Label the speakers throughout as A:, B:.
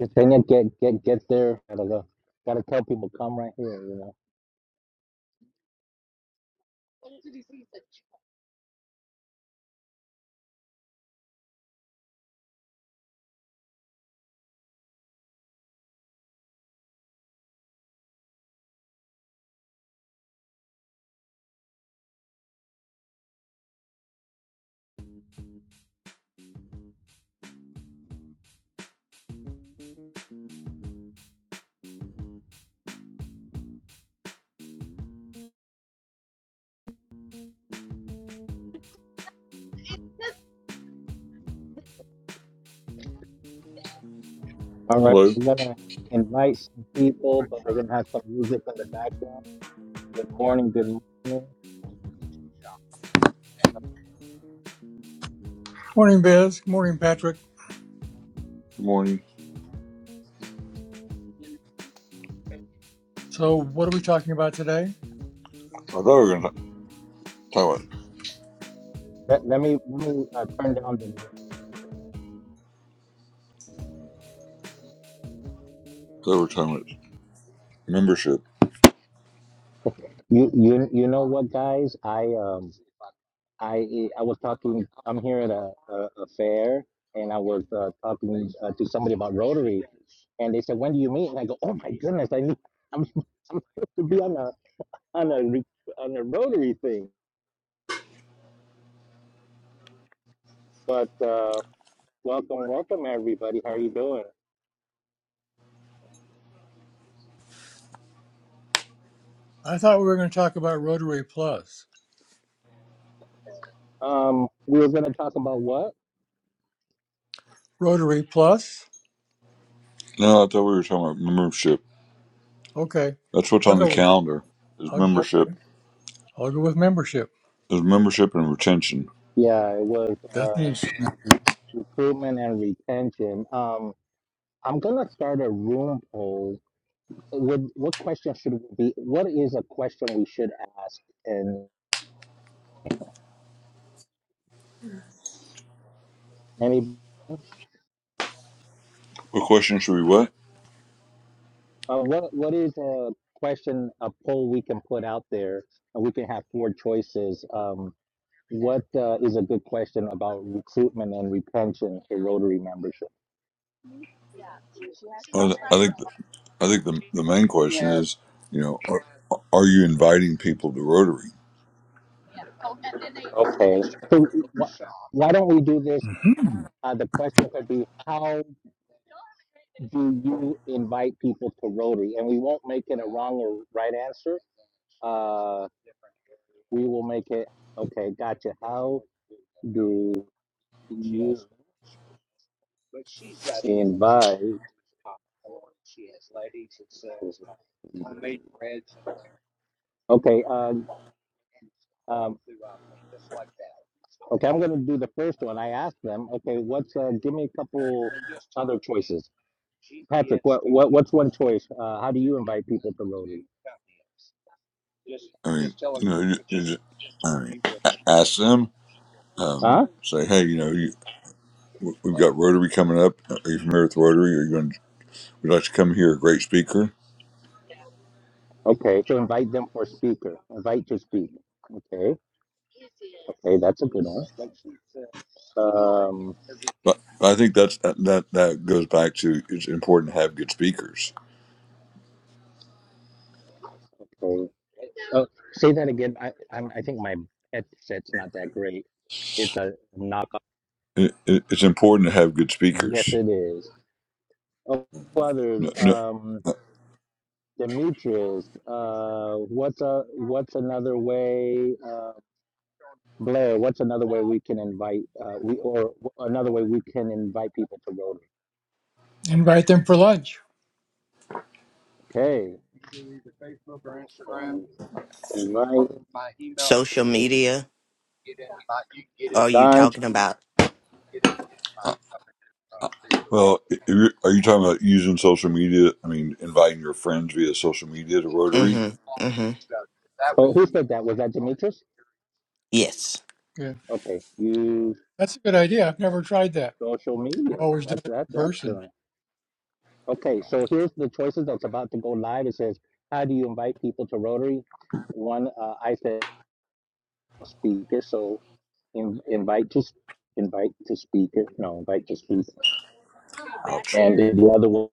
A: Yesenia get get get there. Gotta go. Gotta tell people come right here. You know. All right,
B: Hello. Good
A: we're gonna invite some people, but we're gonna have some music in the background. Good morning. Good morning.
C: Morning, Biz. Good Morning, Patrick.
B: morning.
C: So, what are we talking about today?
B: I thought we were going to talk about, I
A: Let, let me let me uh, turn down the.
B: thought we were talking about membership.
A: You you you know what, guys? I um I I was talking. I'm here at a a, a fair, and I was uh, talking uh, to somebody about Rotary, and they said, "When do you meet?" And I go, "Oh my goodness, I need, I'm I'm supposed to be on a on a re- on a Rotary thing." But uh, welcome, welcome everybody. How are you doing?
C: I thought we were going to talk about Rotary Plus.
A: Um, we were gonna talk about what?
C: Rotary Plus?
B: No, I thought we were talking about membership.
C: Okay.
B: That's what's
C: I'll
B: on the
C: go.
B: calendar is
C: I'll go,
B: membership.
C: I'll go with membership.
B: Is membership and retention.
A: Yeah, it was
C: That's
A: uh,
C: interesting.
A: recruitment and retention. Um, I'm gonna start a room poll. Would what question should we be? What is a question we should ask? And any
B: What question should we what?
A: uh, what what is a question a poll we can put out there? And we can have four choices. Um, what uh, is a good question about recruitment and retention for Rotary membership?
B: I th- I think I think the, the main question is, you know, are, are you inviting people to Rotary?
A: Okay, so wh- why don't we do this?
C: hmm
A: Uh, the question could be, how do you invite people to Rotary? And we won't make it a wrong or right answer. Uh, we will make it, okay, gotcha. How do you invite? Okay, uh, Um, throughout them, just like that. okay, I'm going to do the first one. I asked them, okay, what's uh, give me a couple And just other choices. Patrick, G P S. what, what what's one choice? Uh, how do you invite people to voting?
B: I mean, you know, you, you just, I mean, a- ask them.
A: Huh?
B: Um, say, hey, you know, you, we've got Rotary coming up. Are you familiar with Rotary? Are you going? to Would you like to come hear a great speaker?
A: Okay, so invite them for speaker. Invite to speak. Okay, okay, that's a good one. Um,
B: But I think that's that that goes back to it's important to have good speakers.
A: okay. Oh, say that again. I I'm, I think my headset's not that great. It's a knockoff.
B: It, it, it's important to have good
A: Yes,
B: speakers.
A: it is. Oh,
B: No,
A: others.
B: no,
A: Um,
B: uh,
A: Demetrius, uh, what's a what's another way, uh, Blair? What's another way we can invite uh, we or another way we can invite people to Rotary?
C: Invite them for lunch.
A: Okay, invite
D: Social media? Are you
A: Donj.
D: talking about?
B: well, if you're- are you talking about using social media? I mean, inviting your friends via social media to
D: Mm
B: Rotary?
D: hmm. Mm hmm.
A: Oh, who said that? Was that Demetrius?
D: Yes.
C: Good.
A: Okay, use
C: That's a good idea. I've never tried that.
A: social
C: I've
A: media.
C: always
A: That's
C: done it
A: that's
C: in person.
A: excellent. Okay, so here's the choices that's about to go live. It says, how do you invite people to Rotary? One, uh, I said speaker, so in, invite to s- invite to speaker. No, invite to speaker.
B: Ouch.
A: And there. the other one,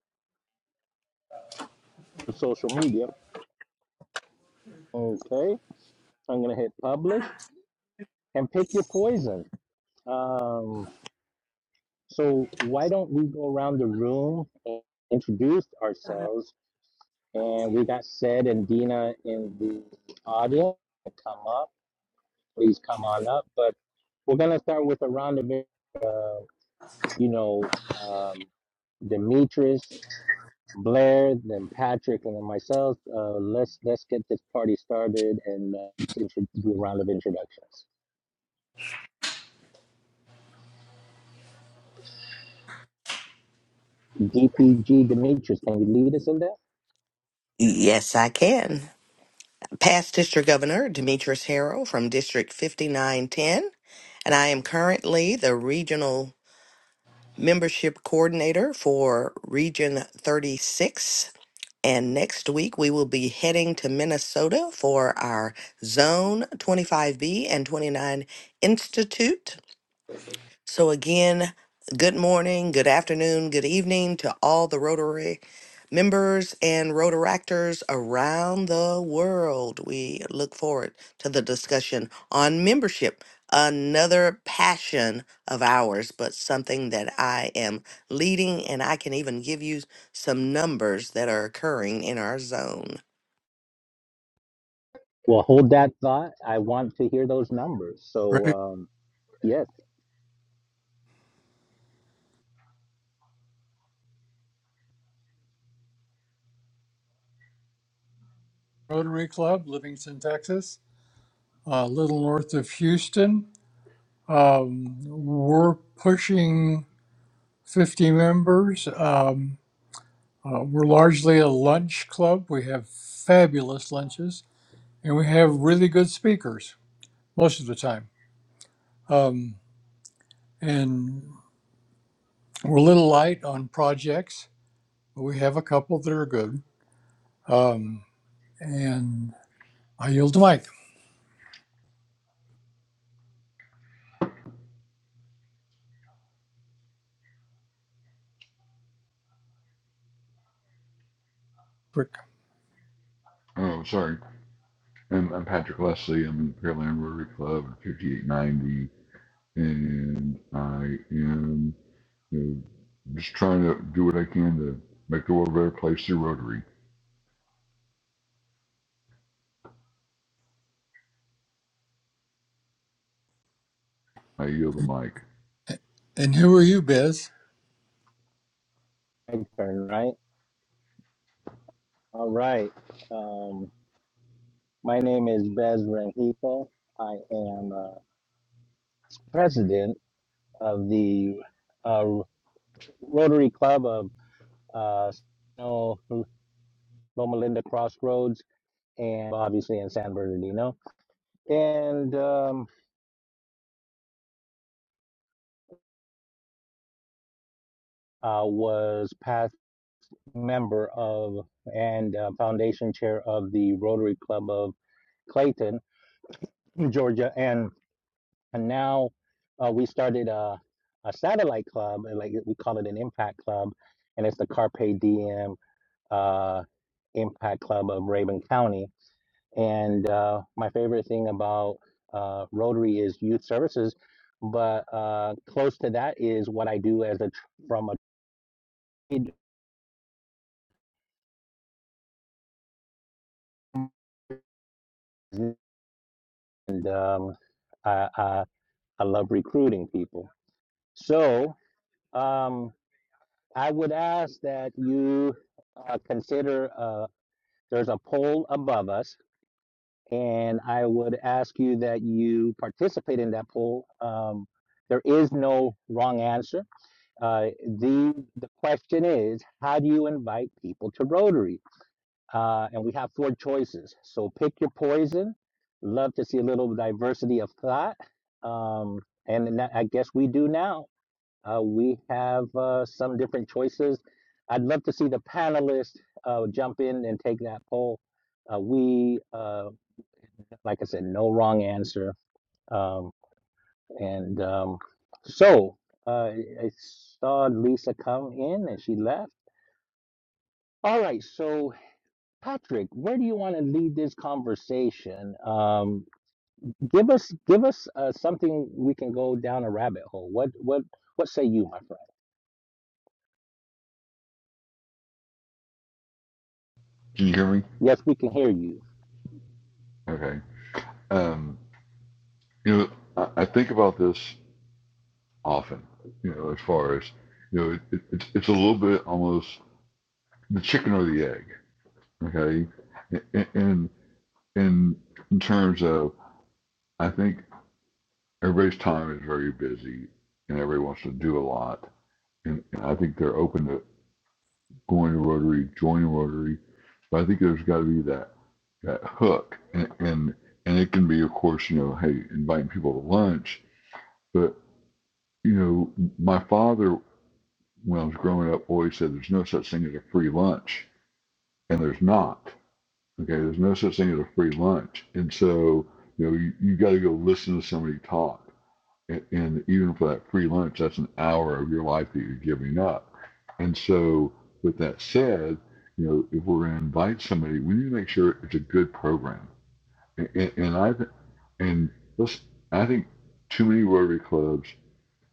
A: social media. Okay, I'm gonna hit publish and pick your poison. Um, so why don't we go around the room and introduce ourselves? And we got said and Dina in the audience. Come up, please come on up. But we're gonna start with a round of, uh, you know, um, Demetrius. Blair, then Patrick, and then myself. Uh, let's let's get this party started and uh, do a round of introductions. DPG Demetrius, can you lead us in that?
D: Yes, I can. Past District Governor Demetrius Harrell from District 5910, and I am currently the Regional Membership Coordinator for Region 36. And next week, we will be heading to Minnesota for our Zone 25B and 29 Institute. So, again, good morning, good afternoon, good evening to all the Rotary members and Rotaractors around the world. We look forward to the discussion on membership, another passion of ours, but something that I am leading, and I can even give you some numbers that are occurring in our zone.
A: Well, hold that thought. I want to hear those numbers. So
C: Great.
A: um, yes,
C: Rotary Club, Livingston, Texas, a little north of Houston. Um, we're pushing 50 members. Um, Uh, we're largely a lunch club. We have fabulous lunches, and we have really good speakers most of the time. Um, and we're a little light on projects, but we have a couple that are good. Um, and I yield the mic. Quick.
B: Oh, sorry. I'm, I'm Patrick Leslie. I'm in the Pearland Rotary Club at 5890, and I am you know, just trying to do what I can to make the world a better place through Rotary. I yield the mic.
C: And who are you, Biz?
A: my turn, right? All right. Um, my name is Bez Renjico. I am uh, president of the uh, Rotary Club of uh, Loma Linda Crossroads and obviously in San Bernardino, and um, uh, was past member of and uh, foundation chair of the Rotary Club of Clayton, Georgia, and and now uh, we started a, a satellite club, and like we call it an impact club, and it's the Carpe Diem uh, Impact Club of Raven County, And uh, my favorite thing about uh, Rotary is youth services, but uh, close to that is what I do as a tr- from a trade, and um, I, I I love recruiting people. So um, I would ask that you uh, consider uh, there's a poll above us, and I would ask you that you participate in that poll. Um, there is no wrong answer Uh, the the question is, how do you invite people to Rotary? Uh, and we have four choices. So pick your poison. Love to see a little diversity of thought. Um, and I guess we do now. Uh, we have uh, some different choices. I'd love to see the panelists uh, jump in and take that poll. Uh, we, uh, like I said, no wrong answer. Um, and um, so uh, I saw Lisa come in and she left. All right, so Patrick, where do you want to lead this conversation? Um, give us give us uh, something we can go down a rabbit hole. What what what say you, my friend?
B: Can you hear me?
A: Yes, we can hear you.
B: Okay. Um, you know, I, I think about this often. You know, as far as you know, it, it, it's it's a little bit almost the chicken or the egg. Okay, And in, in in terms of I think everybody's time is very busy and everybody wants to do a lot. And, and I think they're open to going to Rotary, joining Rotary. But I think there's got to be that that hook, and, and and it can be, of course, you know, hey, inviting people to lunch. But you know, my father when I was growing up always said there's no such thing as a free lunch, and there's not. Okay, there's no such thing as a free lunch, and so you know you, you got to go listen to somebody talk, and, and even for that free lunch, that's an hour of your life that you're giving up. And so, with that said, you know if we're going to invite somebody, we need to make sure it's a good program, and, and, and I th- and let's I think too many Rotary clubs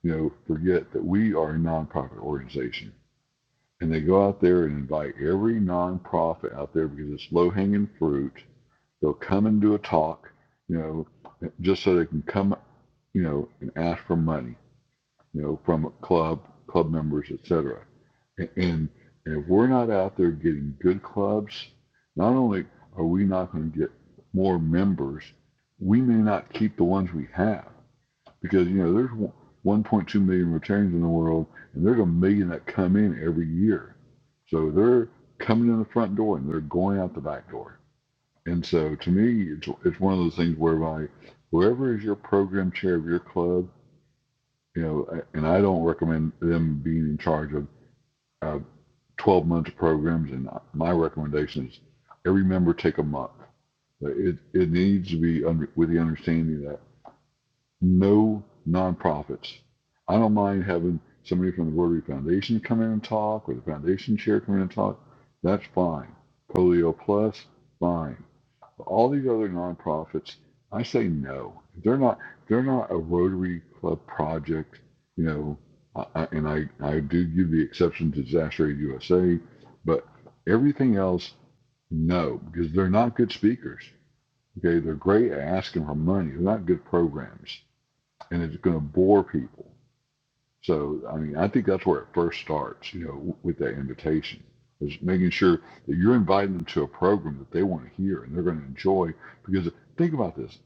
B: you know forget that we are a nonprofit organization and they go out there and invite every nonprofit out there because it's low hanging fruit. They'll come and do a talk, you know, just so they can come, you know, and ask for money, you know, from club club members, etc. And, and and if we're not out there getting good clubs, not only are we not going to get more members, we may not keep the ones we have because you know there's 1.2 million returns in the world, and there's a million that come in every year. So they're coming in the front door and they're going out the back door. And so to me, it's it's one of those things whereby whoever is your program chair of your club, you know, and I don't recommend them being in charge of uh, 12 month programs. And my recommendation is every member take a month. It it needs to be under, with the understanding that no nonprofits. I don't mind having somebody from the Rotary Foundation come in and talk, or the foundation chair come in and talk. That's fine. Polio Plus, fine. But all these other nonprofits, I say no. They're not. They're not a Rotary Club project, you know. I, and I, I do give the exception to Disaster Aid USA, but everything else, no, because they're not good speakers. Okay, they're great at asking for money. They're not good programs and it's going to bore people. So, I mean, I think that's where it first starts, you know, with that invitation is making sure that you're inviting them to a program that they want to hear and they're going to enjoy. Because think about this: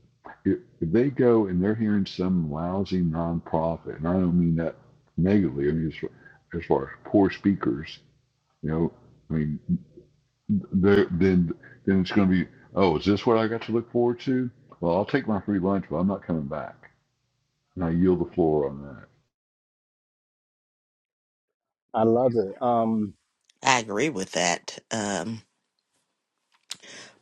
B: if, if they go and they're hearing some lousy nonprofit, and I don't mean that negatively, I mean as far as, far as poor speakers, you know, I mean, they're- then then it's going to be, oh, is this what I got to look forward to? Well, I'll take my free lunch, but I'm not coming back, and I yield the floor on that.
A: I love it. Um,
D: I agree with that. um,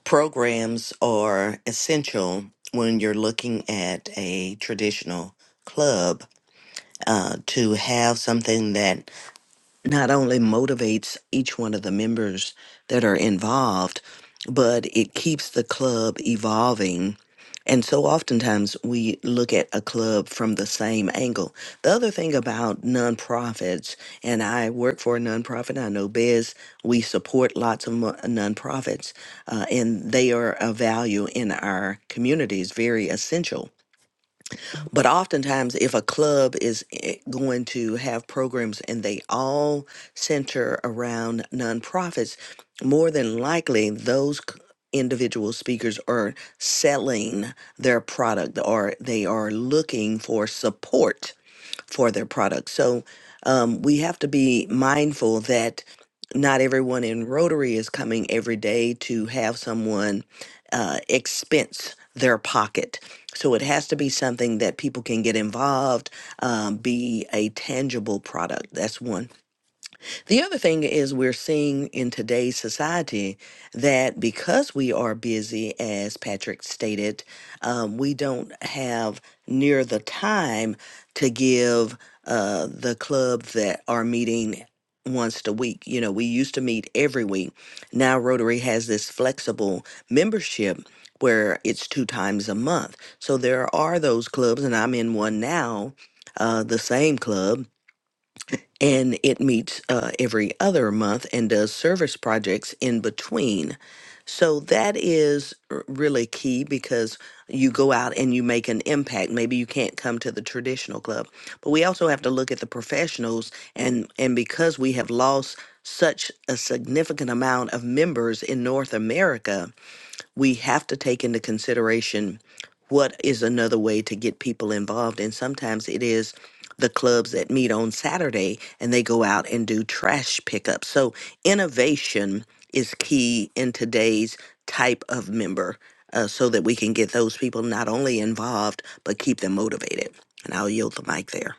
D: programs are essential when you're looking at a traditional club uh, to have something that not only motivates each one of the members that are involved, but it keeps the club evolving. And so oftentimes we look at a club from the same angle. The other thing about nonprofits, and I work for a nonprofit, I know Bez, we support lots of mo- nonprofits, uh, and they are a value in our communities, very essential. But oftentimes, if a club is i- going to have programs and they all center around nonprofits, more than likely those c- individual speakers are selling their product or they are looking for support for their products. So um, we have to be mindful that not everyone in Rotary is coming every day to have someone uh, expense their pocket. So it has to be something that people can get involved, um, be a tangible product. That's one. The other thing is, we're seeing in today's society that because we are busy, as Patrick stated, um, we don't have near the time to give uh, the club that are meeting once a week. You know, we used to meet every week. Now, Rotary has this flexible membership. Where it's two times a month. So there are those clubs, and I'm in one now, uh, the same club and it meets uh, every other month and does service projects in between. So that is r- really key because you go out and you make an impact. Maybe you can't come to the traditional club, but we also have to look at the professionals and and because we have lost such a significant amount of members in North America, we have to take into consideration what is another way to get people involved. And sometimes it is the clubs that meet on Saturday and they go out and do trash pickup. So innovation is key in today's type of member uh, so that we can get those people not only involved, but keep them motivated. And I'll yield the mic there.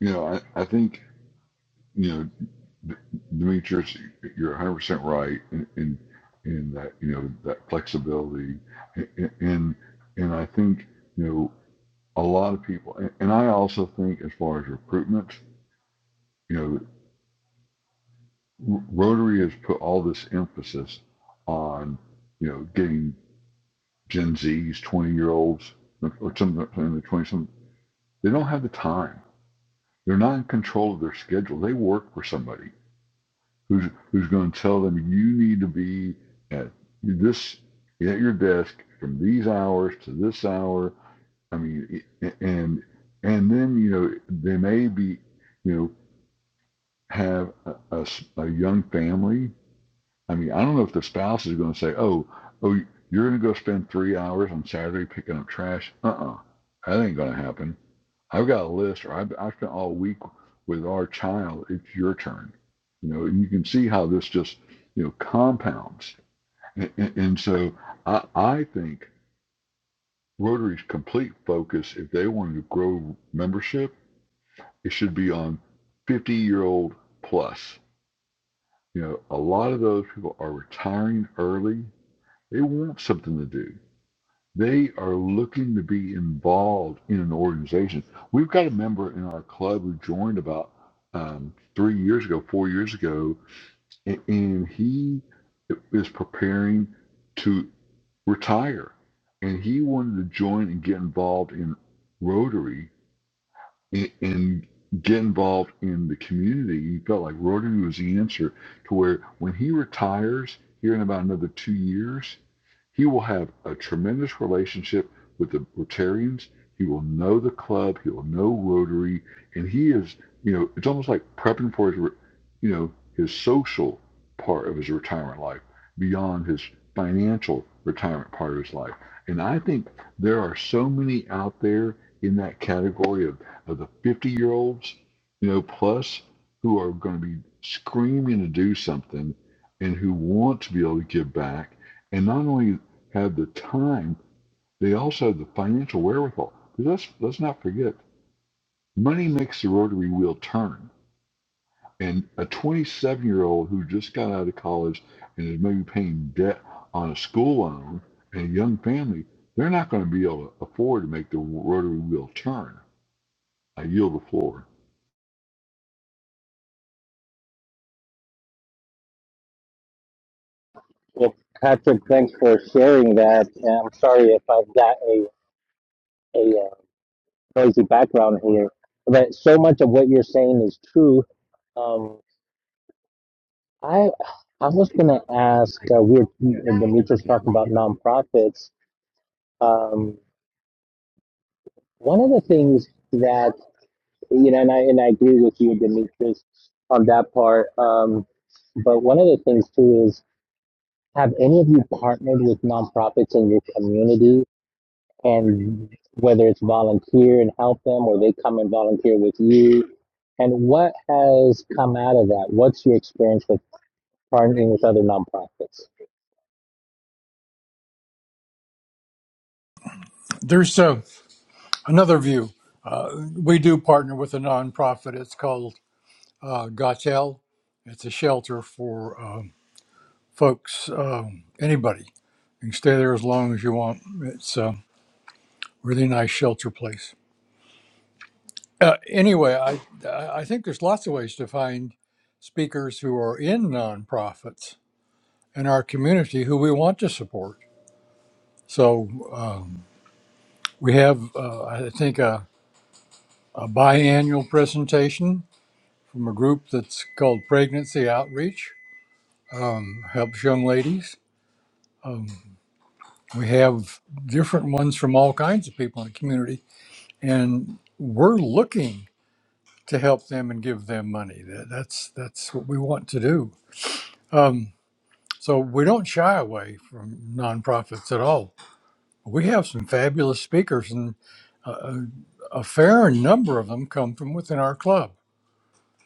B: You know, I, I think, you know, D- Demetrius, you're 100% right in, in, in that, you know, that flexibility. And, and, I think, you know, a lot of people, and, I also think as far as recruitment, you know, Rotary has put all this emphasis on, you know, getting Gen Zs, 20 year olds, or some in the 20s, some- they don't have the time. They're not in control of their schedule. They work for somebody. who's who's going to tell them you need to be at this at your desk from these hours to this hour. I mean, and and then you know they may be you know have a a a young family I mean, I don't know if the spouse is going to say, "Oh, oh, you're going to go spend three hours on Saturday picking up trash." Uh-uh, that ain't going to happen. I've got a list, or I've, I've spent all week with our child. It's your turn. You know, and you can see how this just, you know, compounds. And, and, and so I, I think Rotary's complete focus, if they wanted to grow membership, it should be on 50 year old plus. You know, a lot of those people are retiring early They want something to do. They are looking to be involved in an organization. We've got a member in our club who joined about um, three years ago, four years ago, and, and he is preparing to retire. And he wanted to join and get involved in Rotary and, and get involved in the community. He felt like Rotary was the answer to where when he retires here in about another two years, he will have a tremendous relationship with the Rotarians. He will know the club. He will know Rotary, and he is, you know, it's almost like prepping for his, you know, his social part of his retirement life beyond his financial retirement part of his life. And I think there are so many out there in that category of, of the 50 year olds, you know, plus who are going to be screaming to do something and who want to be able to give back. And not only had the time, they also had the financial wherewithal. Because let's, let's not forget, money makes the rotary wheel turn. And a 27 year old who just got out of college and is maybe paying debt on a school loan and a young family, they're not going to be able to afford to make the rotary wheel turn. I yield the floor.
A: well, Patrick, thanks for sharing that. And I'm sorry if I've got a a uh, noisy background here, but so much of what you're saying is true. Um, I I was gonna ask. Uh, we were Demetrius talking about nonprofits. Um, One of the things that you know, and I and I agree with you, Demetrius, on that part. Um, but one of the things too is, have any of you partnered with nonprofits in your community, and whether it's volunteer and help them, or they come and volunteer with you, and what has come out of that? What's your experience with partnering with other nonprofits?
C: There's uh, another view. Uh, we do partner with a nonprofit. It's called uh, Gotel. It's a shelter for um folks, um, anybody You can stay there as long as you want. It's a really nice shelter place. Uh, anyway, I I think there's lots of ways to find speakers who are in nonprofits in our community who we want to support. So um, we have uh, I think a, a biannual presentation from a group that's called Pregnancy Outreach. Um, helps young ladies. Um, we have different ones from all kinds of people in the community, and we're looking to help them and give them money. That, that's that's what we want to do. Um, so we don't shy away from nonprofits at all. We have some fabulous speakers, and a, a fair number of them come from within our club.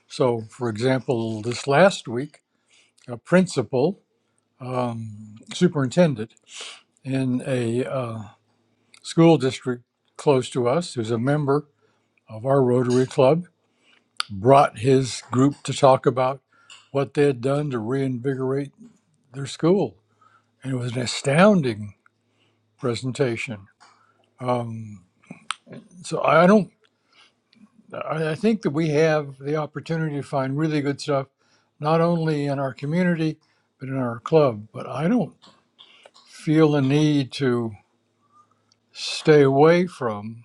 C: So, for example, this last week, a principal, um, superintendent in a uh, school district close to us, who's a member of our Rotary Club, brought his group to talk about what they had done to reinvigorate their school, and it was an astounding presentation. Um, so I don't. I think that we have the opportunity to find really good stuff, not only in our community but in our club. But I don't feel the need to stay away from.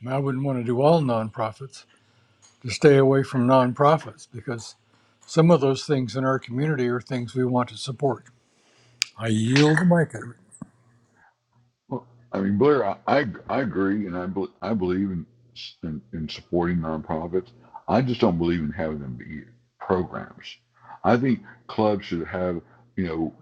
C: I, mean, I wouldn't want to do all nonprofits. To stay away from nonprofits because some of those things in our community are things we want to support. I yield the mic.
B: Well, I mean, Blair, I, I, I agree, and I, bel I believe in, in in supporting nonprofits. I just don't believe in having them be programs. I think clubs should have, you know,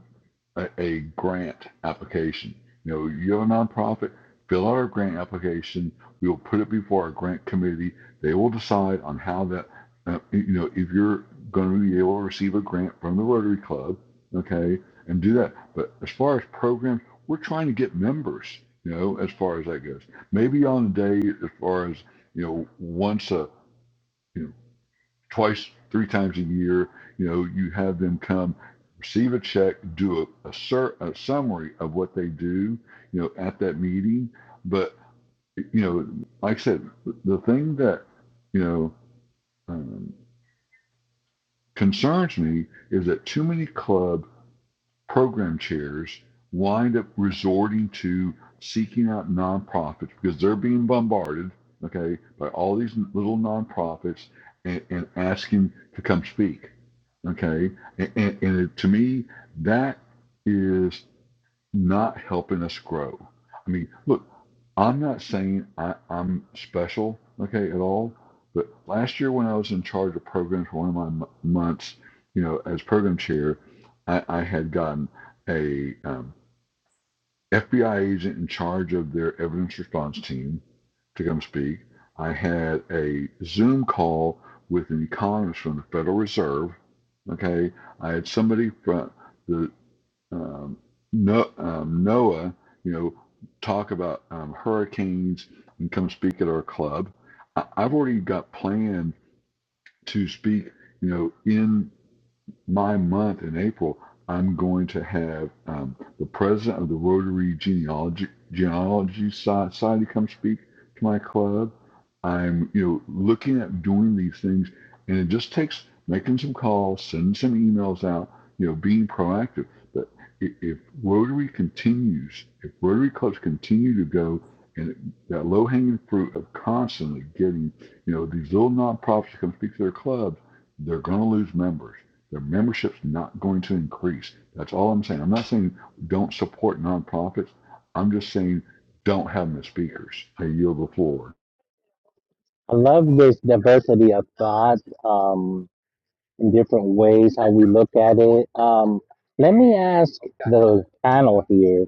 B: a, a grant application. You know, you have a nonprofit, fill out our grant application. We will put it before our grant committee. They will decide on how that, uh, you know, if you're going to be able to receive a grant from the Rotary Club, okay, and do that. But as far as programs, we're trying to get members, you know, as far as that goes. Maybe on the day, as far as, you know, once a, you know twice, three times a year. You know, you have them come receive a check, do a, a, sur- a summary of what they do, you know, at that meeting. But, you know, like I said, the thing that, you know, um, concerns me is that too many club program chairs wind up resorting to seeking out nonprofits because they're being bombarded, okay, by all these little nonprofits and, and asking to come speak. Okay. And, and, and to me, that is not helping us grow. I mean, look, I'm not saying I, I'm special, okay, at all. But last year, when I was in charge of programs for one of my m- months, you know, as program chair, I, I had gotten a um, FBI agent in charge of their evidence response team to come speak. I had a Zoom call with an economist from the Federal Reserve. Okay, I had somebody from the um, no, um, NOAA, you know, talk about um, hurricanes and come speak at our club. I, I've already got planned to speak, you know, in my month in April, I'm going to have um, the president of the Rotary Genealogy, Genealogy Society come speak to my club. I'm, you know, looking at doing these things, and it just takes making some calls, sending some emails out, you know, being proactive. But if Rotary continues, if Rotary clubs continue to go, and that low-hanging fruit of constantly getting, you know, these little nonprofits to come speak to their clubs, they're going to lose members their membership's not going to increase. That's all I'm saying. I'm not saying don't support nonprofits. I'm just saying don't have them as speakers. I yield the floor.
A: I love this diversity of thought. Um, in different ways how we look at it. Um, let me ask the panel here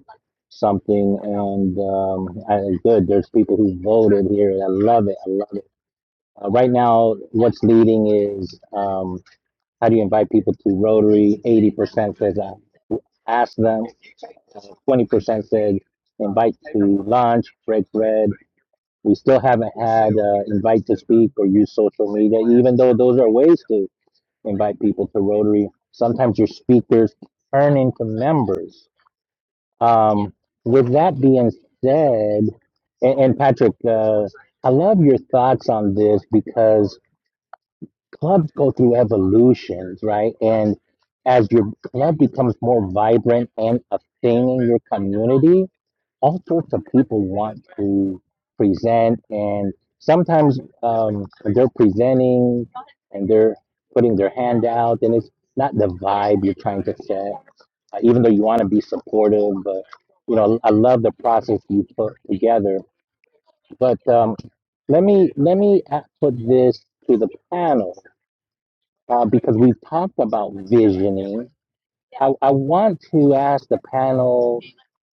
A: something, and um, I, good, there's people who voted here. I love it. I love it. Uh, right now, what's leading is um, how do you invite people to Rotary? 80% says uh, ask them. Uh, Twenty percent said invite to lunch, break bread. We still haven't had uh, invite to speak or use social media, even though those are ways to invite people to Rotary. Sometimes your speakers turn into members. Um, with that being said, and, and Patrick, uh, I love your thoughts on this because clubs go through evolutions, right? And as your club becomes more vibrant and a thing in your community, all sorts of people want to present and sometimes um, they're presenting and they're putting their hand out and it's not the vibe you're trying to set uh, even though you want to be supportive but you know i love the process you put together but um, let me let me uh, put this to the panel uh, because we've talked about visioning I, I want to ask the panel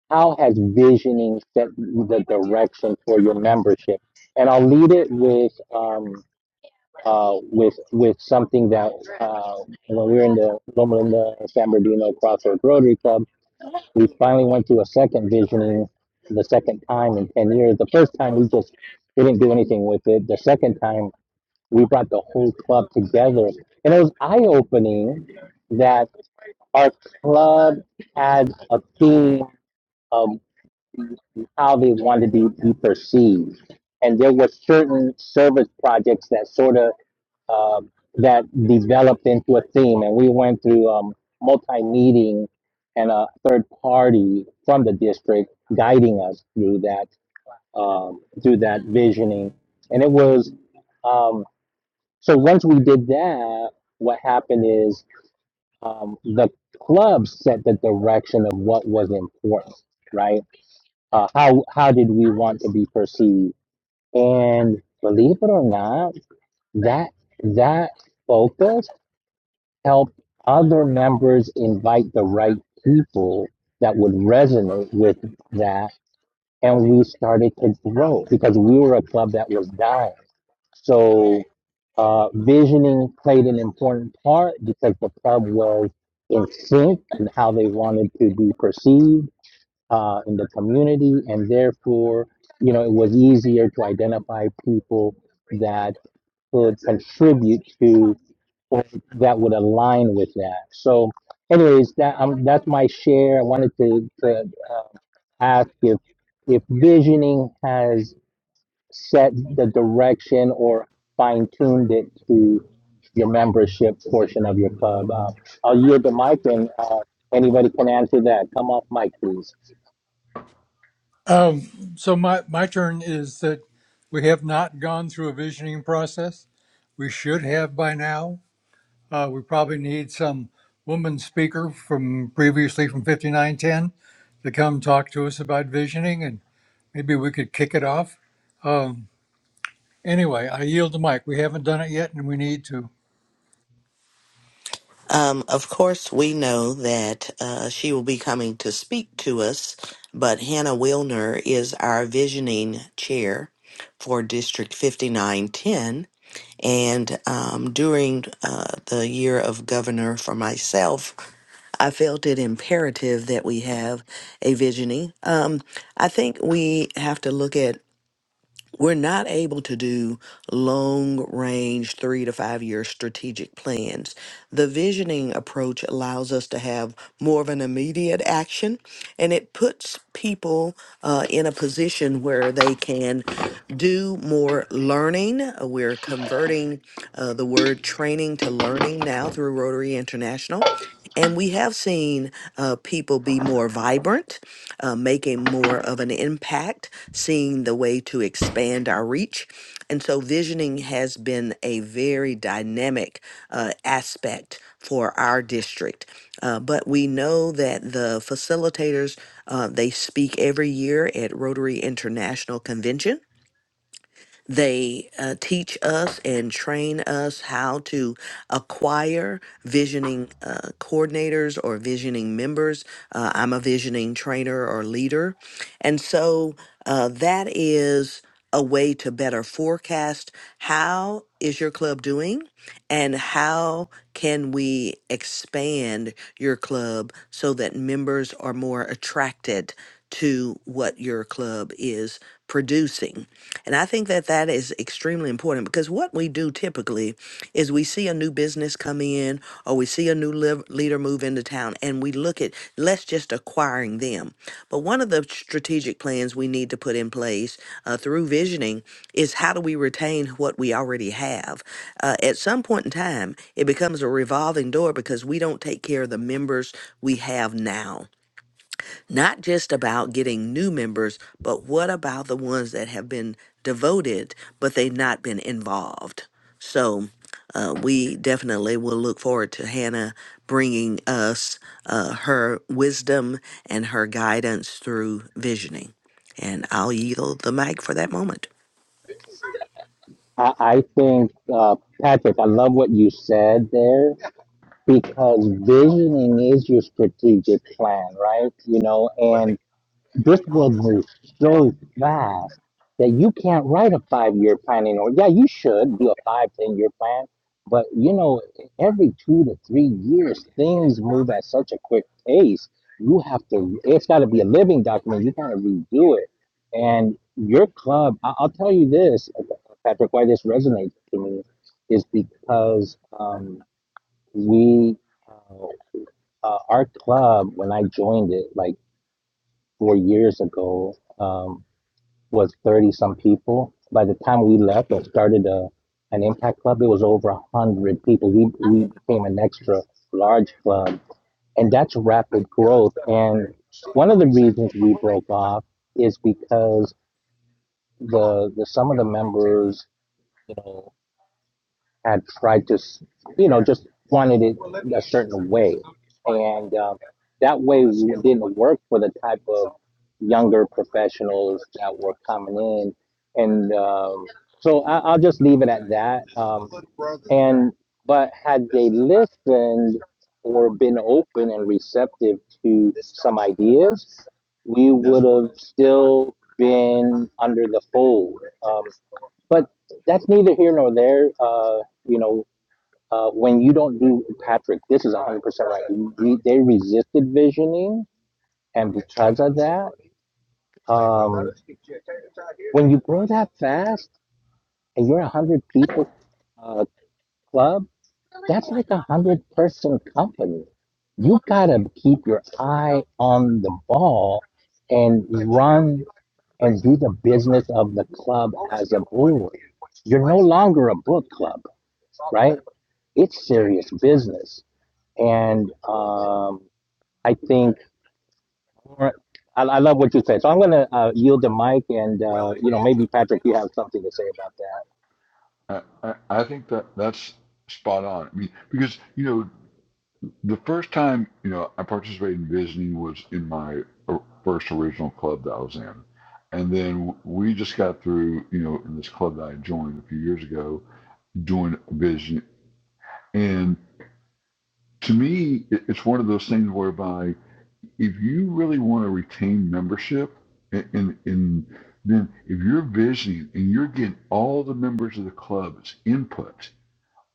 A: how has visioning set the direction for your membership and i'll lead it with um, uh, with with something that uh, when we were in the Loma Linda San Bernardino Crossroads Rotary Club, we finally went to a second visioning the second time in 10 years. The first time we just didn't do anything with it. The second time we brought the whole club together. And it was eye opening that our club had a theme of how they wanted to be, be perceived. And there were certain service projects that sort of um, that developed into a theme, and we went through um, multi-meeting and a third party from the district guiding us through that um, through that visioning, and it was um, so once we did that, what happened is um, the club set the direction of what was important, right? Uh, how how did we want to be perceived? And believe it or not, that that focus help other members invite the right people that would resonate with that. And we started to grow because we were a club that was dying. So uh, visioning played an important part because the club was in sync and how they wanted to be perceived uh, in the community. And therefore, you know, it was easier to identify people that could contribute to or that would align with that. So, anyways, that um, that's my share. I wanted to, to uh, ask if if visioning has set the direction or fine tuned it to your membership portion of your club. Uh, I'll yield the mic, and uh, anybody can answer that. Come off mic, please.
C: Um, so my, my turn is that we have not gone through a visioning process. We should have by now. Uh, we probably need some woman speaker from previously from 5910 to come talk to us about visioning and maybe we could kick it off. Um, anyway, I yield the mic. We haven't done it yet and we need to.
D: Um, of course, we know that uh, she will be coming to speak to us, but Hannah Wilner is our visioning chair for District 5910. And um, during uh, the year of governor for myself, I felt it imperative that we have a visioning. Um, I think we have to look at we're not able to do long range three to five year strategic plans. The visioning approach allows us to have more of an immediate action and it puts people uh, in a position where they can do more learning. Uh, We're converting uh, the word training to learning now through Rotary International. And we have seen uh, people be more vibrant, uh, making more of an impact, seeing the way to expand our reach. And so, visioning has been a very dynamic uh, aspect for our district. Uh, but we know that the facilitators uh, they speak every year at Rotary International Convention. They uh, teach us and train us how to acquire visioning uh, coordinators or visioning members. Uh, I'm a visioning trainer or leader. And so uh, that is a way to better forecast how is your club doing and how can we expand your club so that members are more attracted to what your club is producing. And I think that that is extremely important because what we do typically is we see a new business come in or we see a new liv- leader move into town and we we look at less just acquiring them. But one of the strategic plans we need to put in place uh, through visioning is how do we retain what we already have? Uh, at some point in time, it becomes a revolving door because we don't take care of the members we have now not just about getting new members, but what about the ones that have been devoted, but they've not been involved? So uh, we definitely will look forward to Hannah bringing us uh, her wisdom and her guidance through visioning. And I'll yield the mic for that moment.
A: I, I think uh, Patrick, I love what you said there because visioning is your strategic plan, right? You know, and this would moves so fast that you can't write a five year plan anymore. Yeah, you should do a five, ten year plan, but you know, every two to three years, things move at such a quick pace. You have to, it's got to be a living document. You got to redo it. And your club, I- I'll tell you this, Patrick, why this resonates to me is because um, we, uh, uh, our club, when I joined it like four years ago, um, was 30 some people. By the time we left or started a, an impact club, it was over 100 people. We, we became an extra large club. And that's rapid growth. And one of the reasons we broke off is because the, the some of the members, you know had tried to, you know, just wanted it a certain way. And um, that way didn't work for the type of younger professionals that were coming in. And um, so I, I'll just leave it at that. Um, and, but had they listened or been open and receptive to some ideas, we would have still been under the fold. Um, but that's neither here nor there. Uh, you know, uh, when you don't do Patrick, this is 100% right. We, they resisted visioning, and because of that, um, when you grow that fast and you're a 100 people uh, club, that's like a 100 person company. You got to keep your eye on the ball and run and do the business of the club as a brewer. You're no longer a book club right? It's serious business. And um, I think I, I love what you said. So I'm going to uh, yield the mic, and uh, you know maybe Patrick, you have something to say about that.
B: I, I, I think that that's spot on. I mean, because you know, the first time you know I participated in visioning was in my first original club that I was in, and then we just got through you know in this club that I joined a few years ago doing vision, and to me, it's one of those things whereby if you really want to retain membership and, and, and then if you're visioning and you're getting all the members of the club's input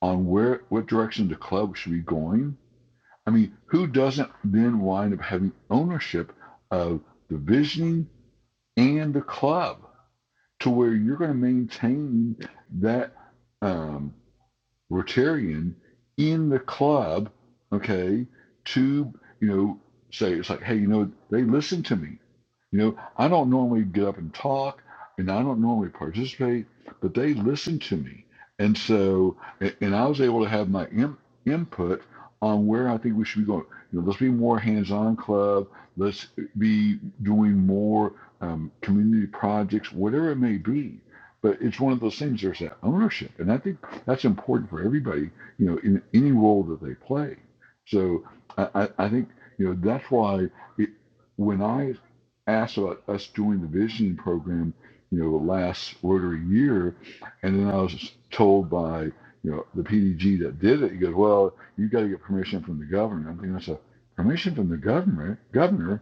B: on where what direction the club should be going, I mean, who doesn't then wind up having ownership of the visioning and the club to where you're going to maintain that um, Rotarian in the club, okay, to, you know, say, it's like, hey, you know, they listen to me. You know, I don't normally get up and talk and I don't normally participate, but they listen to me. And so, a- and I was able to have my in, input on where I think we should be going. You know, let's be more hands on club. Let's be doing more um, community projects, whatever it may be. But it's one of those things, there's that ownership. And I think that's important for everybody, you know, in any role that they play. So I, I think, you know, that's why it, when I asked about us doing the vision program, you know, last Rotary year, and then I was told by, you know, the PDG that did it, he goes, well, you got to get permission from the governor. I'm thinking, that's a permission from the governor, governor,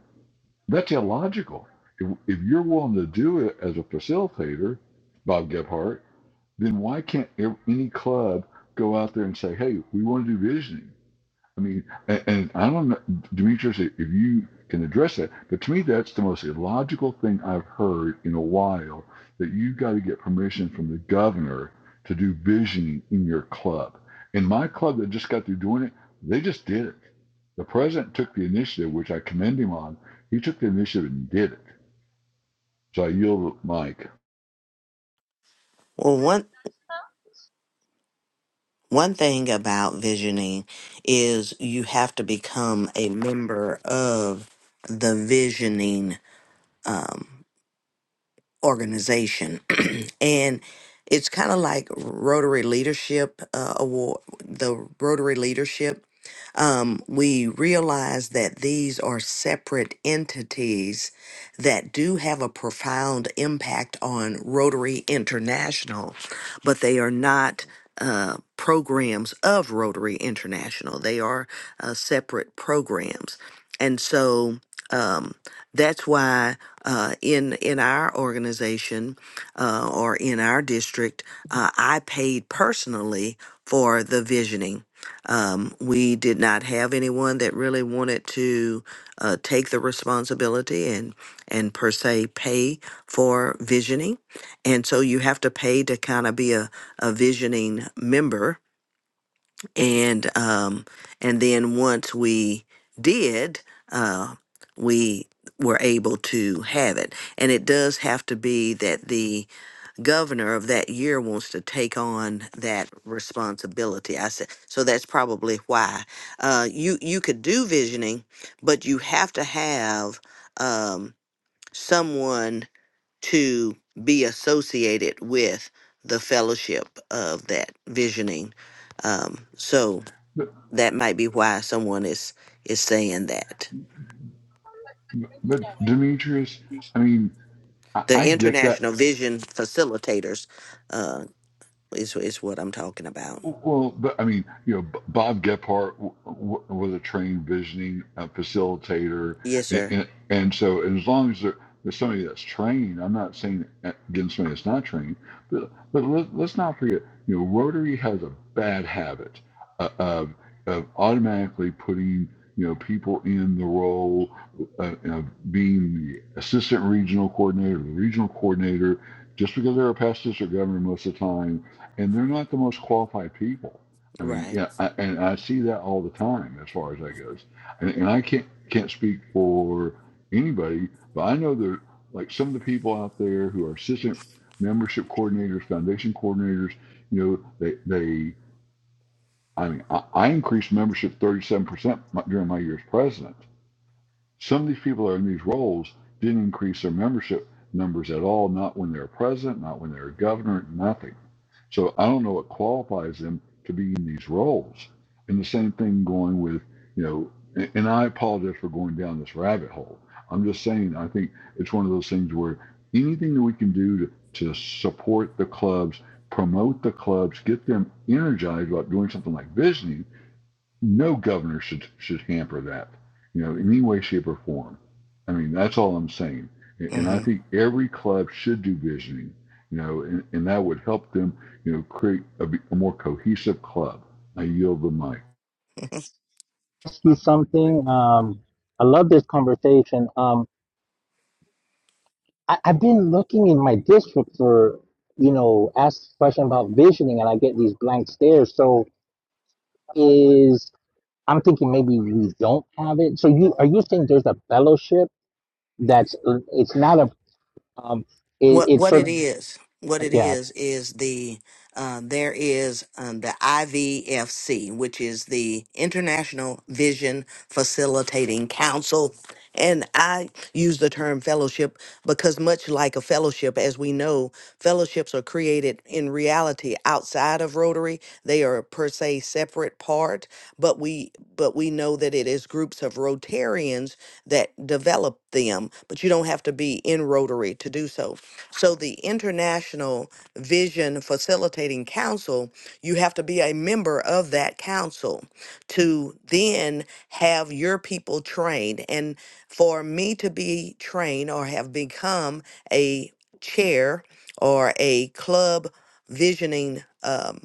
B: that's illogical. If, if you're willing to do it as a facilitator, Bob Gebhardt, then why can't any club go out there and say, hey, we want to do visioning? I mean, and, and I don't know, Demetrius, if you can address that, but to me, that's the most illogical thing I've heard in a while that you've got to get permission from the governor to do visioning in your club. In my club that just got through doing it, they just did it. The president took the initiative, which I commend him on. He took the initiative and did it. So I yield the mic.
D: Well, one one thing about visioning is you have to become a member of the visioning. Um, organization and it's kind of like rotary leadership uh, award the rotary leadership um, we realize that these are separate entities that do have a profound impact on rotary international but they are not uh, programs of rotary international they are uh, separate programs and so um, that's why uh, in in our organization uh, or in our district, uh, I paid personally for the visioning. Um, we did not have anyone that really wanted to uh, take the responsibility and and per se pay for visioning, and so you have to pay to kind of be a, a visioning member and um, and then once we did, uh, we were able to have it. And it does have to be that the governor of that year wants to take on that responsibility. I said so. That's probably why uh, you you could do visioning, but you have to have um, someone to be associated with the fellowship of that visioning. Um, so
B: But,
D: that might be why someone is is saying that.
B: but Demetrius, I mean, I,
D: The
B: I get that.
D: international vision facilitators uh, is is what I'm talking about.
B: Well, but I mean, you know, B- Bob Gephardt w- w- was a trained visioning uh, facilitator,
D: Yes,
B: and,
D: sir.
B: and, and so as long as there, there's somebody that's trained, I'm not saying against somebody that's not trained, but but let, let's not forget, you know, Rotary has a bad habit uh, of of automatically putting you know people in the role uh, of being the assistant regional coordinator, the regional coordinator, just because they're a past district governor most of the time and they're not the most qualified people. I mean,
D: Right.
B: yeah, I, and I see that all the time as far as that goes. And, and I can't can't speak for anybody, but I know there like some of the people out there who are assistant membership coordinators, foundation coordinators. You know, they they. I mean, I, I increased membership 37% during my year as president. Some of these people that are in these roles didn't increase their membership numbers at all. Not when they were president, not when they were governor, nothing so I don't know what qualifies them to be in these roles. And the same thing going with, you know, and and I apologize for going down this rabbit hole. I'm just saying, I think it's one of those things where anything that we can do to, to support the clubs, promote the clubs, get them energized about doing something like visioning no governor should should hamper that, you know, in any way, shape, or form. I mean, that's all I'm saying. And I
D: Mm-hmm.
B: think every club should do visioning, you know, and, and that would help them, you know, create a a more cohesive club. I yield the mic.
A: Ask you something. Um, I love this conversation. Um, I, I've been looking in my district for you know ask a question about visioning, and I get these blank stares. So is I'm thinking maybe we don't have it. So you are you saying there's a fellowship that's it's not a um, it,
D: What
A: it's
D: what
A: sort of
D: it is, what it
A: Yeah,
D: is is the uh, there is um, the IVFC, which is the International Vision Facilitating Council, and I use the term fellowship because much like a fellowship, as we know, fellowships are created in reality outside of Rotary. They are per se separate part, but we but we know that it is groups of Rotarians that develop them. But you don't have to be in Rotary to do so. So, the International Vision Facilitating Council, you have to be a member of that council to then have your people trained. And for me to be trained or have become a chair or a club visioning. um,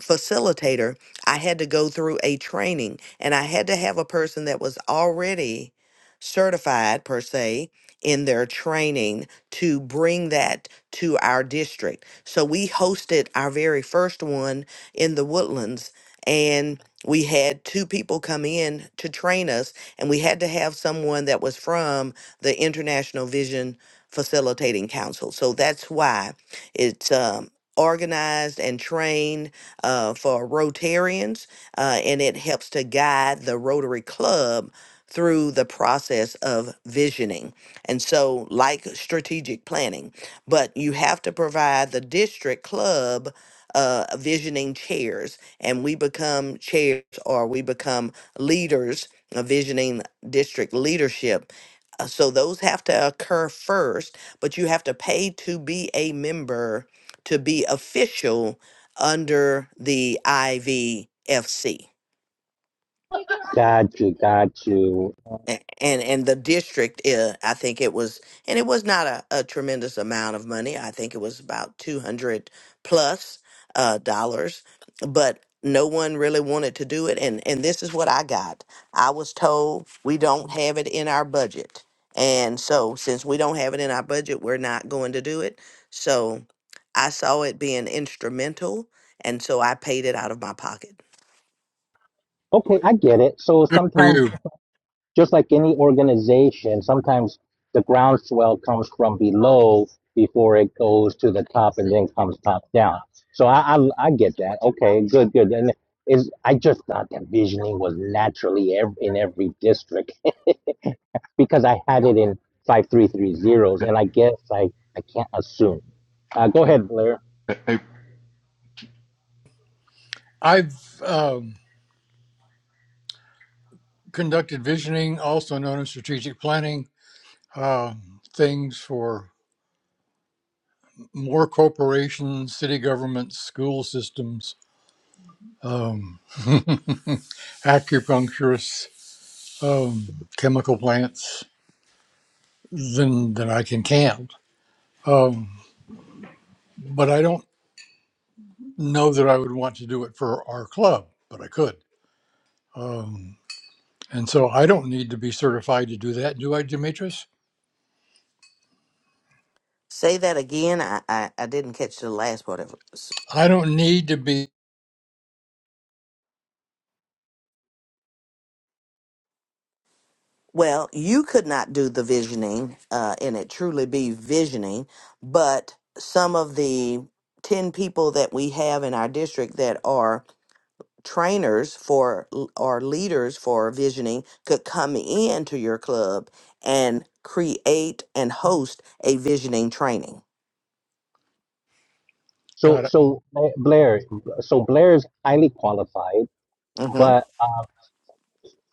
D: facilitator, I had to go through a training and I had to have a person that was already certified, per se, in their training to bring that to our district. So we hosted our very first one in the woodlands and we had two people come in to train us and we had to have someone that was from the international vision facilitating council so that's why it's um, organized and trained uh, for Rotarians, uh, and it helps to guide the Rotary Club through the process of visioning. And so, like strategic planning, but you have to provide the district club uh, visioning chairs, and we become chairs or we become leaders, uh, visioning district leadership. Uh, So those have to occur first, but you have to pay to be a member to be official under the IVFC.
A: got you, got you.
D: And and the district, uh, I think it was, and it was not a, a tremendous amount of money. I think it was about two hundred plus uh, dollars, but no one really wanted to do it. And and this is what I got. I was told we don't have it in our budget, and so since we don't have it in our budget, we're not going to do it. So I saw it being instrumental, and so I paid it out of my pocket.
A: Okay, I get it. So
C: Good for
A: sometimes,
C: you.
A: just like any organization, sometimes the groundswell comes from below before it goes to the top and then comes top down. So I, I, I get that. Okay, good, good. And is I just thought that visioning was naturally ev- in every district because I had it in five three three zeros, and I guess I, I can't assume. Uh, go
B: Hey,
A: ahead, Blair.
B: hey, hey,
C: I've um, conducted visioning, also known as strategic planning, uh, things for more corporations, city governments, school systems, um, acupuncturists, um, chemical plants than than I can count. Um, but I don't know that I would want to do it for our club, but I could. Um, and so I don't need to be certified to do that, do I, Demetrius?
D: Say that again. I, I, I didn't catch the last part of it. S-
C: I don't need to be.
D: Well, you could not do the visioning, uh, and it truly be visioning, but some of the 10 people that we have in our district that are trainers for l- or leaders for visioning could come into your club and create and host a visioning training.
A: So
C: Got it.
A: so uh, Blair, so Blair is highly qualified
D: Mm-hmm.
A: But uh,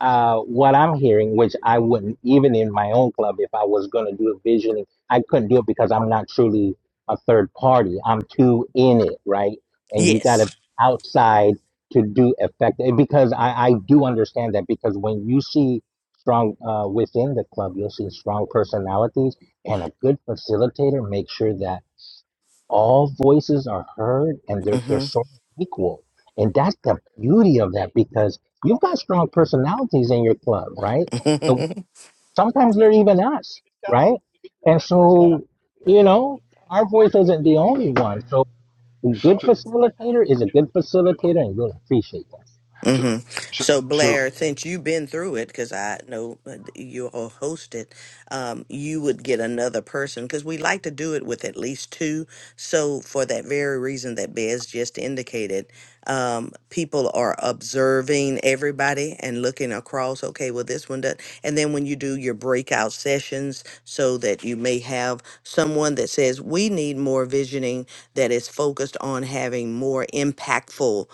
A: uh, what I'm hearing, which I wouldn't, even in my own club, if I was going to do a visioning, I couldn't do it because I'm not truly a third party. I'm too in it, right? And you got to
D: Yes.
A: outside to do effective because I, I do understand that because when you see strong uh, within the club, you'll see strong personalities and a good facilitator makes sure that all voices are heard and they're they're sort of equal. And that's the beauty of that because you've got strong personalities in your club, right?
D: Mm-hmm.
A: And sometimes they're even us, right? And so, you know, our voice isn't the only one. So a good
B: so,
A: facilitator is a good facilitator and you'll appreciate that.
B: so,
D: hmm
B: so,
D: So
B: so,
D: Blair, since you've been through it, because I know that you all host it, um, you would get another person because we like to do it with at least two. So for that very reason that Bez just indicated, um, people are observing everybody and looking across. Okay, well this one does, and then when you do your breakout sessions, so that you may have someone that says we need more visioning that is focused on having more impactful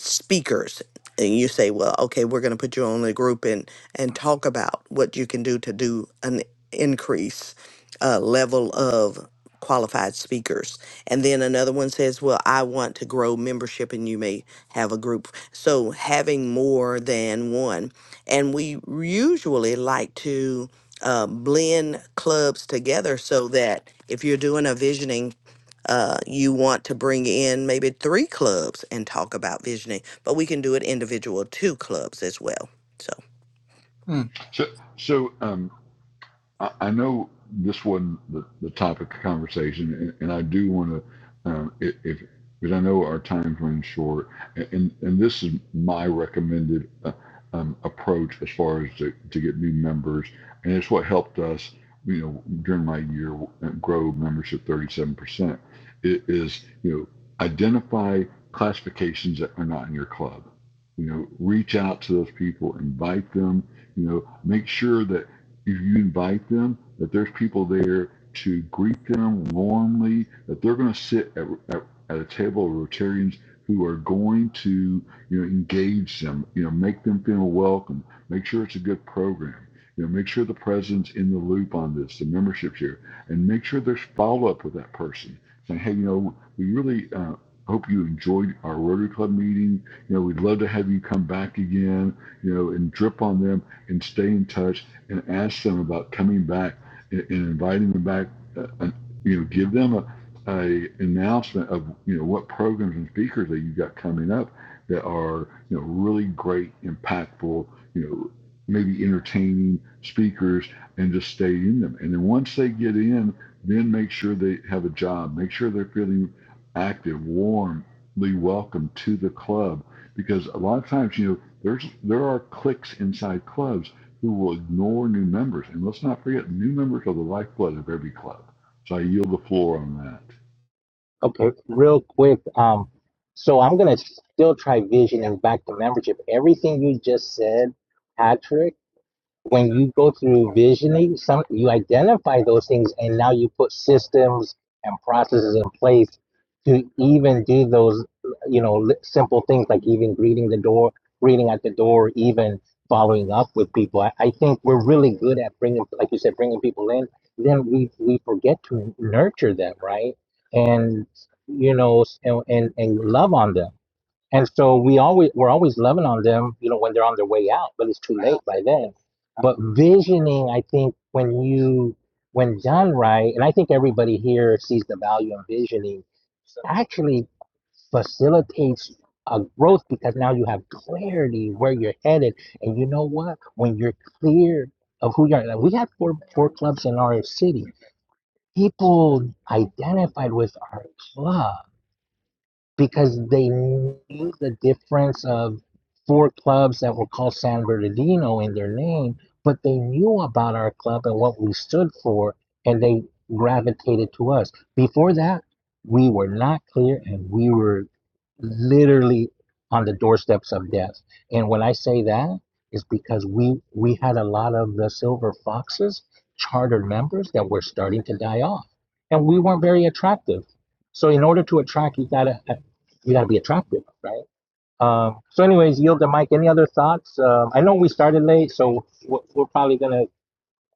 D: speakers and you say well okay we're going to put you on a group and and talk about what you can do to do an increase uh, level of qualified speakers and then another one says well i want to grow membership and you may have a group so having more than one and we usually like to uh, blend clubs together so that if you're doing a visioning uh, you want to bring in maybe three clubs and talk about visioning, but we can do it individual two clubs as well. So,
C: Hmm.
B: so, so, um, I, I know this wasn't the, the topic of conversation, and, and I do want to, um, if because I know our time's running short, and and this is my recommended uh, um, approach as far as to, to get new members, and it's what helped us, you know, during my year uh, grow membership 37%. It is you know identify classifications that are not in your club. You know, reach out to those people, invite them. You know, make sure that you, you invite them, that there's people there to greet them warmly, that they're going to sit at, at, at a table of Rotarians who are going to, you know, engage them, you know, make them feel welcome, make sure it's a good program, you know, make sure the president's in the loop on this, the membership's here, and make sure there's follow-up with that person, saying, hey, you know, we really uh, hope you enjoyed our Rotary Club meeting, you know, we'd love to have you come back again, you know, and drip on them and stay in touch and ask them about coming back and, and inviting them back. Uh, and, you know, give them a, a announcement of you know what programs and speakers that you've got coming up that are you know really great, impactful, you know maybe entertaining speakers, and just stay in them. And then once they get in, then make sure they have a job. Make sure they're feeling active, warmly welcome to the club, because a lot of times you know there's there are cliques inside clubs who will ignore new members. And let's not forget, new members are the lifeblood of every club. So I yield the floor on that.
A: Okay, real quick, um, so I'm gonna still try visioning back to membership. Everything you just said, Patrick. when you go through visioning, some you identify those things, and now you put systems and processes in place to even do those, you know, li- simple things like even greeting the door, greeting at the door, even following up with people. I, I think we're really good at bringing, like you said, bringing people in. Then we we forget to nurture them, right? And you know, and and, and love on them and so we always we're always loving on them, you know, when they're on their way out, but it's too late by then. But visioning, I think, when you when done right, and I think everybody here sees the value in visioning, actually facilitates a growth because now you have clarity where you're headed. And you know what? When you're clear of who you are, like we have four four clubs in our city. People identified with our club because they knew the difference of four clubs that were called San Bernardino in their name, but they knew about our club and what we stood for, and they gravitated to us. Before that, we were not clear and we were literally on the doorsteps of death. And when I say that, is because we we had a lot of the silver foxes charter members that were starting to die off, and we weren't very attractive. So in order to attract, you gotta you gotta be attractive, right? Um, so, anyways, yield the mic. Any other thoughts? Um, I know we started late, so we're, we're probably gonna,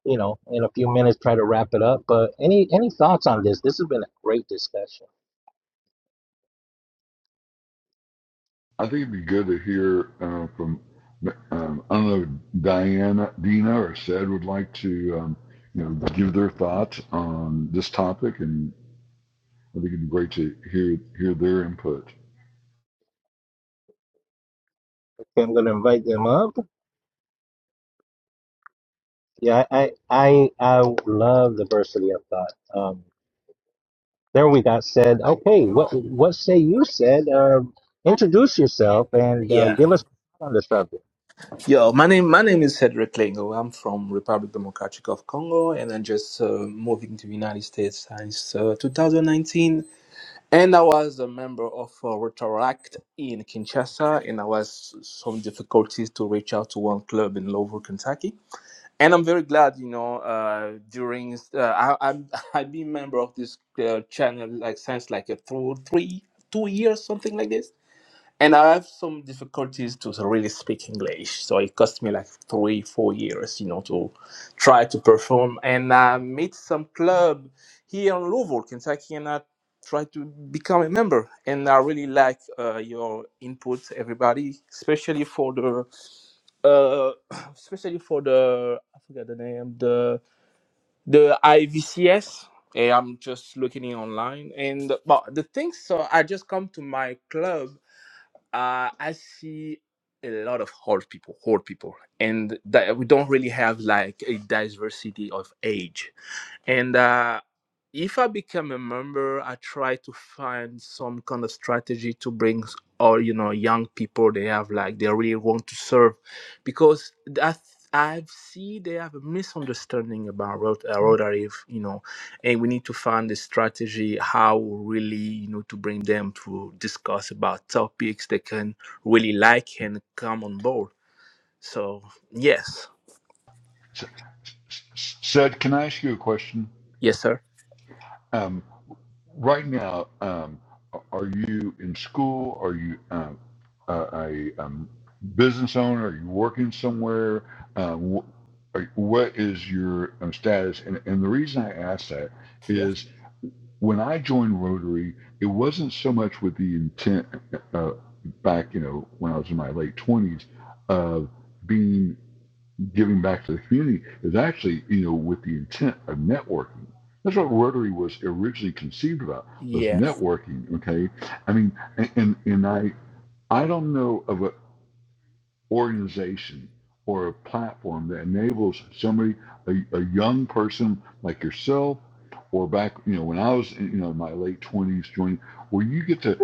A: you know, in a few minutes try to wrap it up. But any any thoughts on this? This has been a great discussion.
B: I think it'd be good to hear uh, from, um, I don't know, Diana, Dina, or Sed would like to, um, you know, give their thoughts on this topic, and I think it'd be great to hear hear their input.
A: Okay, I'm going to invite them up. Yeah, I, I, I love diversity of thought. Um, there we got said, okay, what, what say you said? Um, introduce yourself and uh,
E: Yeah.
A: give us on the subject.
E: Yo, my name my name is Cedric Lengo. I'm from Republic Democratic of Congo, and I'm just uh, moving to United States since uh, 2019. And I was a member of uh, Rotaract in Kinshasa, and I was some difficulties to reach out to one club in Louisville, Kentucky. And I'm very glad, you know, uh, during uh, I, I'm I've been member of this uh, channel like since like uh, through three two years something like this and I have some difficulties to really speak English. So it cost me like three, four years, you know, to try to perform. And I meet some club here in Louisville, Kentucky, and I try to become a member. And I really like uh, your input, everybody, especially for the, uh, especially for the, I forget the name, the the IVCS. eh, I'm just looking it online, and but the thing so I just come to my club. Uh, I see a lot of old people, old people, and that we don't really have like a diversity of age. And uh, if I become a member, I try to find some kind of strategy to bring all you know young people. They have like they really want to serve, because that I see they have a misunderstanding about Rot- uh, Rotary. if, You know, and we need to find a strategy how really you know to bring them to discuss about topics they can really like and come on board. So yes,
B: Sed, can I ask you a question?
E: yes, sir.
B: Um, Right now, um, are you in school? Are you um, a, a um, business owner? Are you working somewhere? Um, wh- are- what is your um, status? And, and the reason I ask that
E: Yes.
B: is when I joined Rotary, it wasn't so much with the intent uh, back, you know, when I was in my late 20s of being giving back to the community is actually, you know, with the intent of networking. That's what Rotary was originally conceived about was
E: Yeah.
B: networking. Okay, I mean, and and, I I don't know of a organization or a platform that enables somebody, a, a young person like yourself, or back, you know, when I was, in, you know, in my late twenties, joining, where you get to,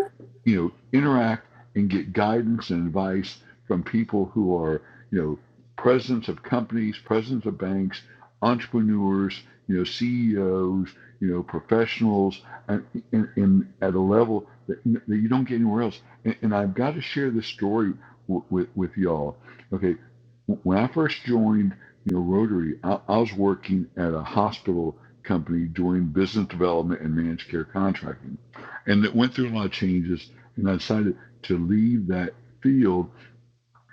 B: you know, interact and get guidance and advice from people who are, you know, presidents of companies, presidents of banks, entrepreneurs, you know, CEOs, you know, professionals, and, and, and at a level that, that you don't get anywhere else. And, and I've got to share this story w- with with y'all. Okay, when I first joined, you know, Rotary, I, I was working at a hospital company doing business development and managed care contracting, and it went through a lot of changes. And I decided to leave that field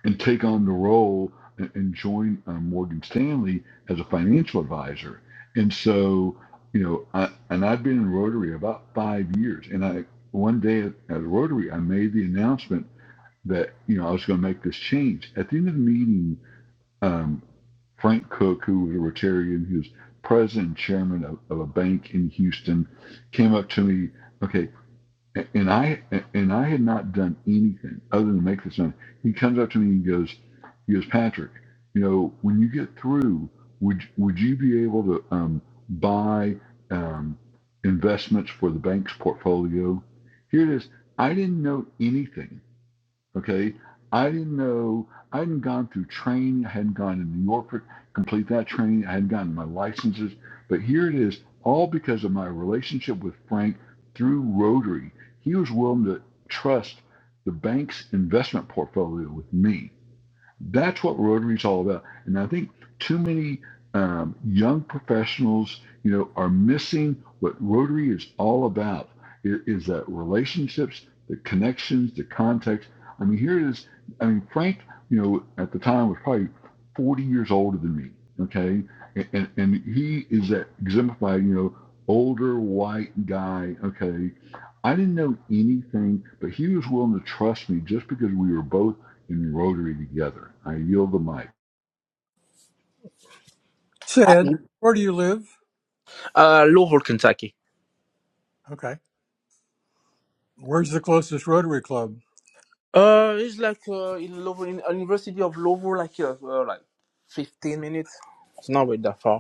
B: and take on the role and, and join uh, Morgan Stanley as a financial advisor. And so, you know, I, and I've been in Rotary about five years, and I one day at, at Rotary, I made the announcement that you know I was going to make this change. At the end of the meeting, um, Frank Cook, who was a Rotarian, who was president and chairman of, of a bank in Houston, came up to me. Okay, and I and I had not done anything other than make this money. He comes up to me and he goes, he goes, Patrick, you know, when you get through, would would you be able to um, buy um, investments for the bank's portfolio? Here it is. I didn't know anything Okay. I didn't know, I hadn't gone through training. I hadn't gone to New York for complete that training. I hadn't gotten my licenses. But here it is, all because of my relationship with Frank through Rotary. He was willing to trust the bank's investment portfolio with me that's what Rotary is all about. And I think too many um, young professionals, you know, are missing what Rotary is all about. It is that relationships, the connections, the context. I mean, here it is. I mean, Frank, you know, at the time was probably 40 years older than me. Okay, and and, and he is that exemplified, you know, older white guy. Okay, I didn't know anything, but he was willing to trust me just because we were both in Rotary together. I yield the mic.
C: Said, where do you live?
E: Uh, Louisville, Kentucky.
C: Okay. Where's the closest Rotary Club?
E: Uh, it's like uh, in Lovo, in University of Lovo, like uh, uh, like fifteen minutes. It's not really that far.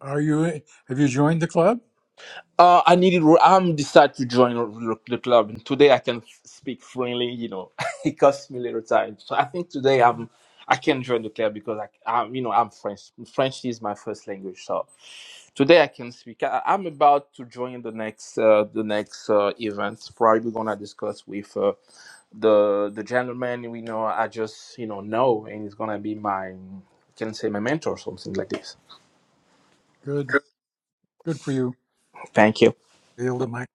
C: Are you? Have you joined the club?
E: Uh, I needed. I'm decided to join the the club, and today I can speak freely. You know, it costs me little time, so I think today I'm. I can join the club because I, I'm, you know, I'm French. French is my first language, so today I can speak. I, I'm about to join the next, uh, the next uh, event. Probably gonna discuss with uh, the the gentleman we know. I just, you know, know, and he's gonna be my, can say my mentor or something like this.
C: Good. Good for you.
E: Thank you.
C: Yield the mic.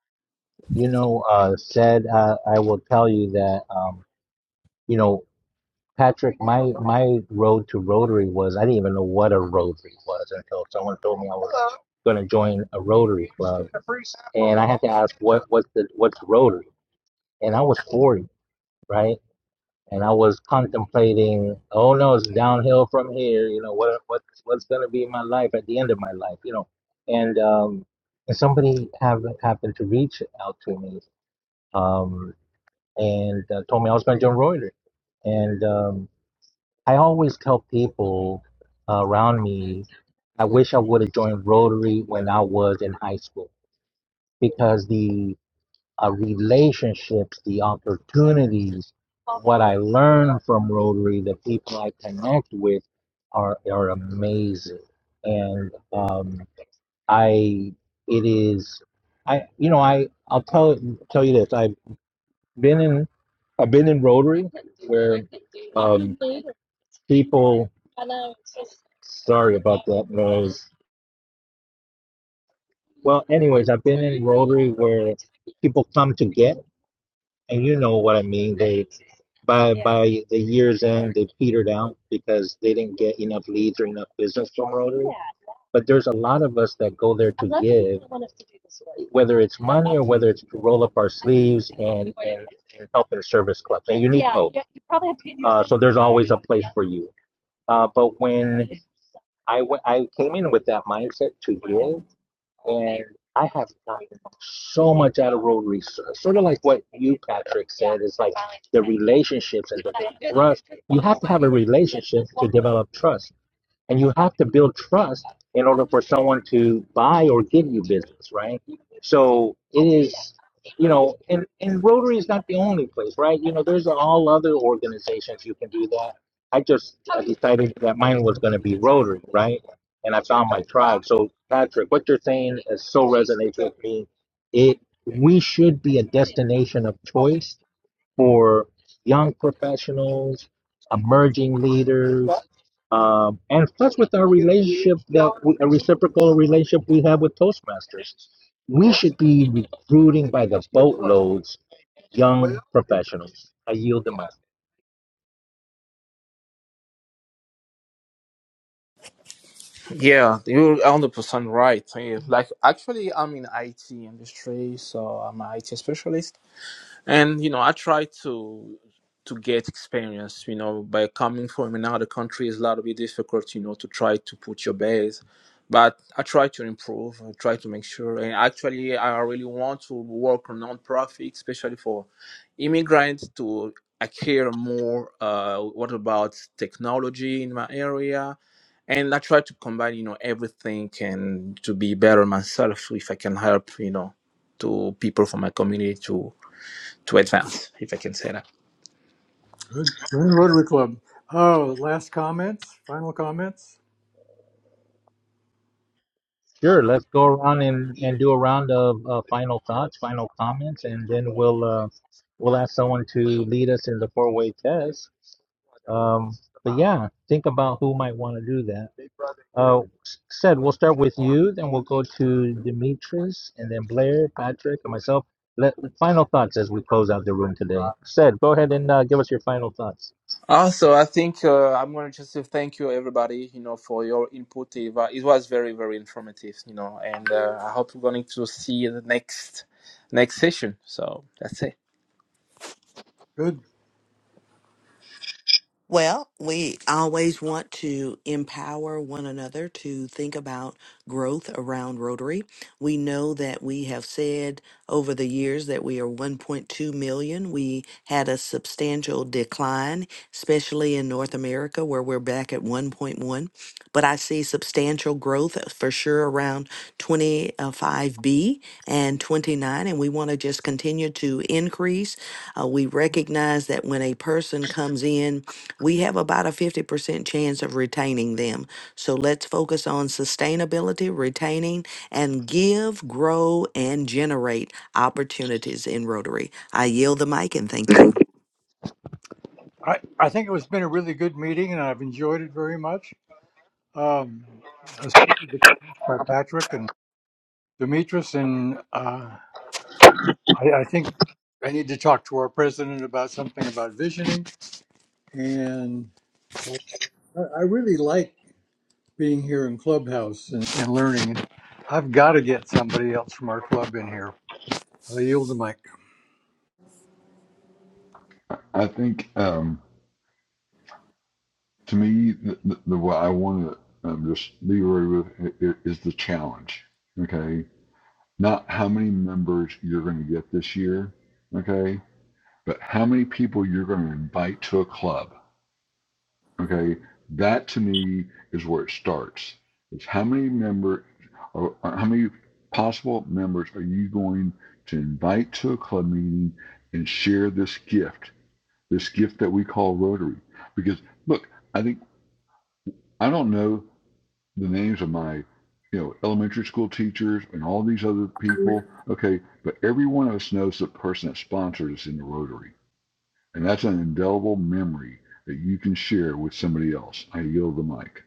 A: You know, uh, said, uh, I will tell you that, um, you know, Patrick, my my road to Rotary was I didn't even know what a Rotary was until someone told me I was going to join a Rotary club, and I had to ask what what's the what's Rotary, and I was forty, right, and I was contemplating, oh no, it's downhill from here, you know what what what's going to be my life at the end of my life, you know, and um, and somebody have, happened to reach out to me, um, and uh, told me I was going to join Rotary, and um, I always tell people uh, around me, I wish I would have joined Rotary when I was in high school because the uh, relationships, the opportunities, what I learned from Rotary, the people I connect with are, are amazing. And um, I, it is, I, you know, I, I'll tell, tell you this. I've been in, I've been in Rotary where um, people Sorry about that noise. Well, anyways, I've been in Rotary where people come to get, and you know what I mean. They by by the year's end, they petered out because they didn't get enough leads or enough business from Rotary. But there's a lot of us that go there to give, whether it's money or whether it's to roll up our sleeves and and, and help in service clubs. And you need hope. Uh, so there's always a place for you. Uh, but when I went, I came in with that mindset to give, and I have gotten so much out of road research. sort of like what you, Patrick, said is like the relationships and the trust. You have to have a relationship to develop trust, and you have to build trust in order for someone to buy or give you business, right? So it is you know, and, and Rotary is not the only place, right? You know, there's all other organizations you can do that. I just I decided that mine was going to be Rotary, right? And I found my tribe. So, Patrick, what you're saying is so resonates with me. It we should be a destination of choice for young professionals, emerging leaders, um, and plus with our relationship that we, a reciprocal relationship we have with Toastmasters, we should be recruiting by the boatloads young professionals. I yield the mic.
E: Yeah, you're 100% right. Eh, Like, actually, I'm in IT industry, so I'm an IT specialist and you know i try to to get experience you know by coming from another country is a little bit difficult you know to try to put your base but i try to improve i try to make sure and actually i really want to work on non-profit especially for immigrants to i care more uh, what about technology in my area and i try to combine you know everything and to be better myself if i can help you know to people from my community to advance, if I can say that.
C: Good. Join Rotary Club. Oh, last comments? Final comments?
A: Sure, let's go around and, and do a round of uh, final thoughts, final comments, and then we'll uh, we'll ask someone to lead us in the four way test. Um, but yeah, think about who might want to do that. Uh, said we'll start with you, then we'll go to Demetrius, and then Blair, Patrick, and myself. Let, final thoughts as we close out the room today. Said, go ahead and uh, give us your final thoughts.
E: Also, I think uh, I'm going to just say thank you, everybody, you know, for your input. It was very, very informative, you know, and uh, I hope we're going to see you the next next session. So that's it.
C: Good.
D: well, we always want to empower one another to think about growth around Rotary. We know that we have said over the years that we are 1.2 million. We had a substantial decline, especially in North America, where we're back at 1.1. But I see substantial growth for sure around. around 25B and 29, and we want to just continue to increase. Uh, we recognize that when a person comes in, we have about a 50% chance of retaining them. So let's focus on sustainability, retaining, and give, grow, and generate opportunities in Rotary. I yield the mic and thank you.
C: I, I think it was been a really good meeting and I've enjoyed it very much. Um, especially the comments by Patrick and Demetrius. And uh, I, I think I need to talk to our president about something about visioning. And I I really like being here in Clubhouse and, and learning. I've got to get somebody else from our club in here. i yield the mic.
B: I think um, to me, the, the, the what I want to um, just leave Rotary with is the challenge. Okay, not how many members you're going to get this year. Okay, but how many people you're going to invite to a club. Okay, that to me is where it starts. It's how many members, or, or how many possible members are you going to invite to a club meeting and share this gift this gift that we call Rotary. Because look, I think I don't know the names of my, you know, elementary school teachers and all these other people. Okay, but every one of us knows the person that sponsored us in the Rotary, and that's an indelible memory that you can share with somebody else. I yield the mic.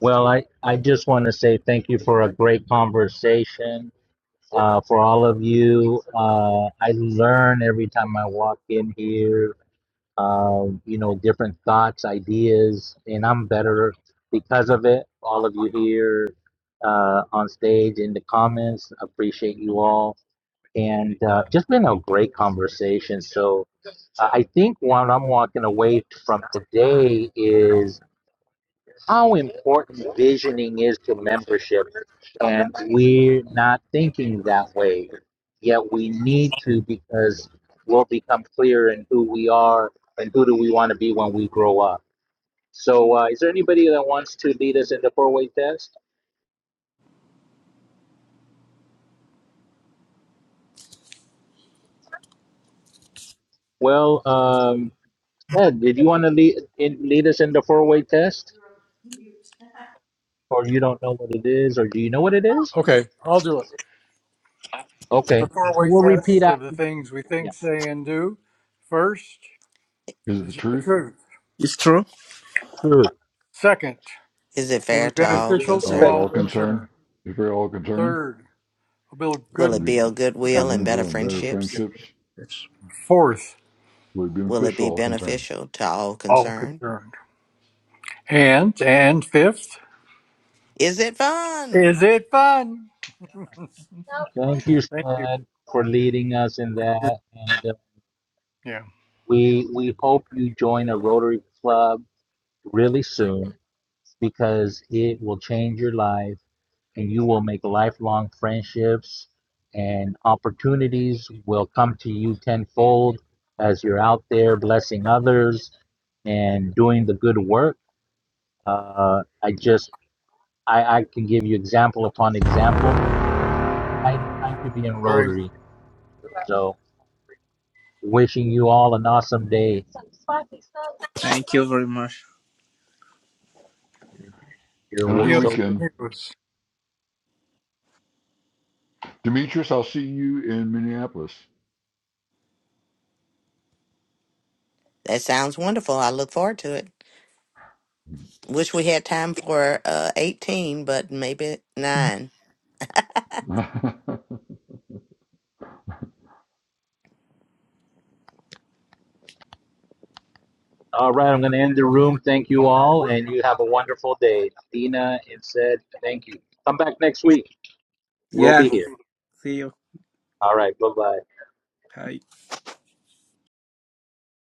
A: Well, I, I just want to say thank you for a great conversation. Uh, for all of you, uh, I learn every time I walk in here um, you know, different thoughts, ideas, and I'm better because of it. All of you here uh, on stage in the comments, appreciate you all, and uh, just been a great conversation. So uh, I think what I'm walking away from today is how important visioning is to membership. And we're not thinking that way. Yet we need to because we'll become clear in who we are and who do we want to be when we grow up. So, uh, is there anybody that wants to lead us in the four way test? Well, um, Ed, did you want to lead, in, lead us in the four way test? Or you don't know what it is? Or do you know what it is?
C: Okay, I'll do it. The
A: Okay.
C: four way
A: We'll repeat
C: test of
A: after.
C: the things we think, say, and do. First,
B: Is it the
C: is it the
B: truth?
C: truth?
E: It's true.
A: Yeah.
C: Second,
D: Is it
C: will
D: fair
C: be
D: to
B: If
D: all
C: beneficial to
B: are you
C: all
D: concerned?
B: all concerned?
C: concerned.
B: If we are all concerned,
C: Third, will build
D: Will
B: we've
C: good.
D: it
B: been,
D: build
C: forgot-
B: we've
D: goodwill and
B: been
D: better
B: building better
D: friendships?
B: friendships.
C: Fourth,
B: We've been
D: Will it
B: fish
D: be
B: all concerned.
D: beneficial to all
C: all
D: concerned?
C: concerned. And and fifth,
D: Is it fun?
C: is it fun?
A: Thank you,
C: Thank you.
A: Sven, for leading us in that. And uh,
C: Yeah.
A: we we hope you join a Rotary Club really soon because it will change your life and you will make lifelong friendships and opportunities will come to you tenfold as you're out there blessing others and doing the good work. Uh, I just I, I can give you example upon example. Exciting time to be in
C: All right.
A: Rotary. so. Wishing you all an awesome day.
E: Thank you very much.
A: You're
B: Have a good
C: Adios.
A: so.
B: weekend.
C: amigos.
B: Demetrius, I'll see you in Minneapolis.
D: That sounds wonderful. I look forward to it. Wish we had time for uh, 18, but maybe 9.
A: All right, I'm going to end the room. Thank you all, and you have a wonderful day. Dina and said, thank you. Come back next week. We'll
E: Yeah.
A: be here.
E: See you.
A: All right, bye bye.
E: Hi.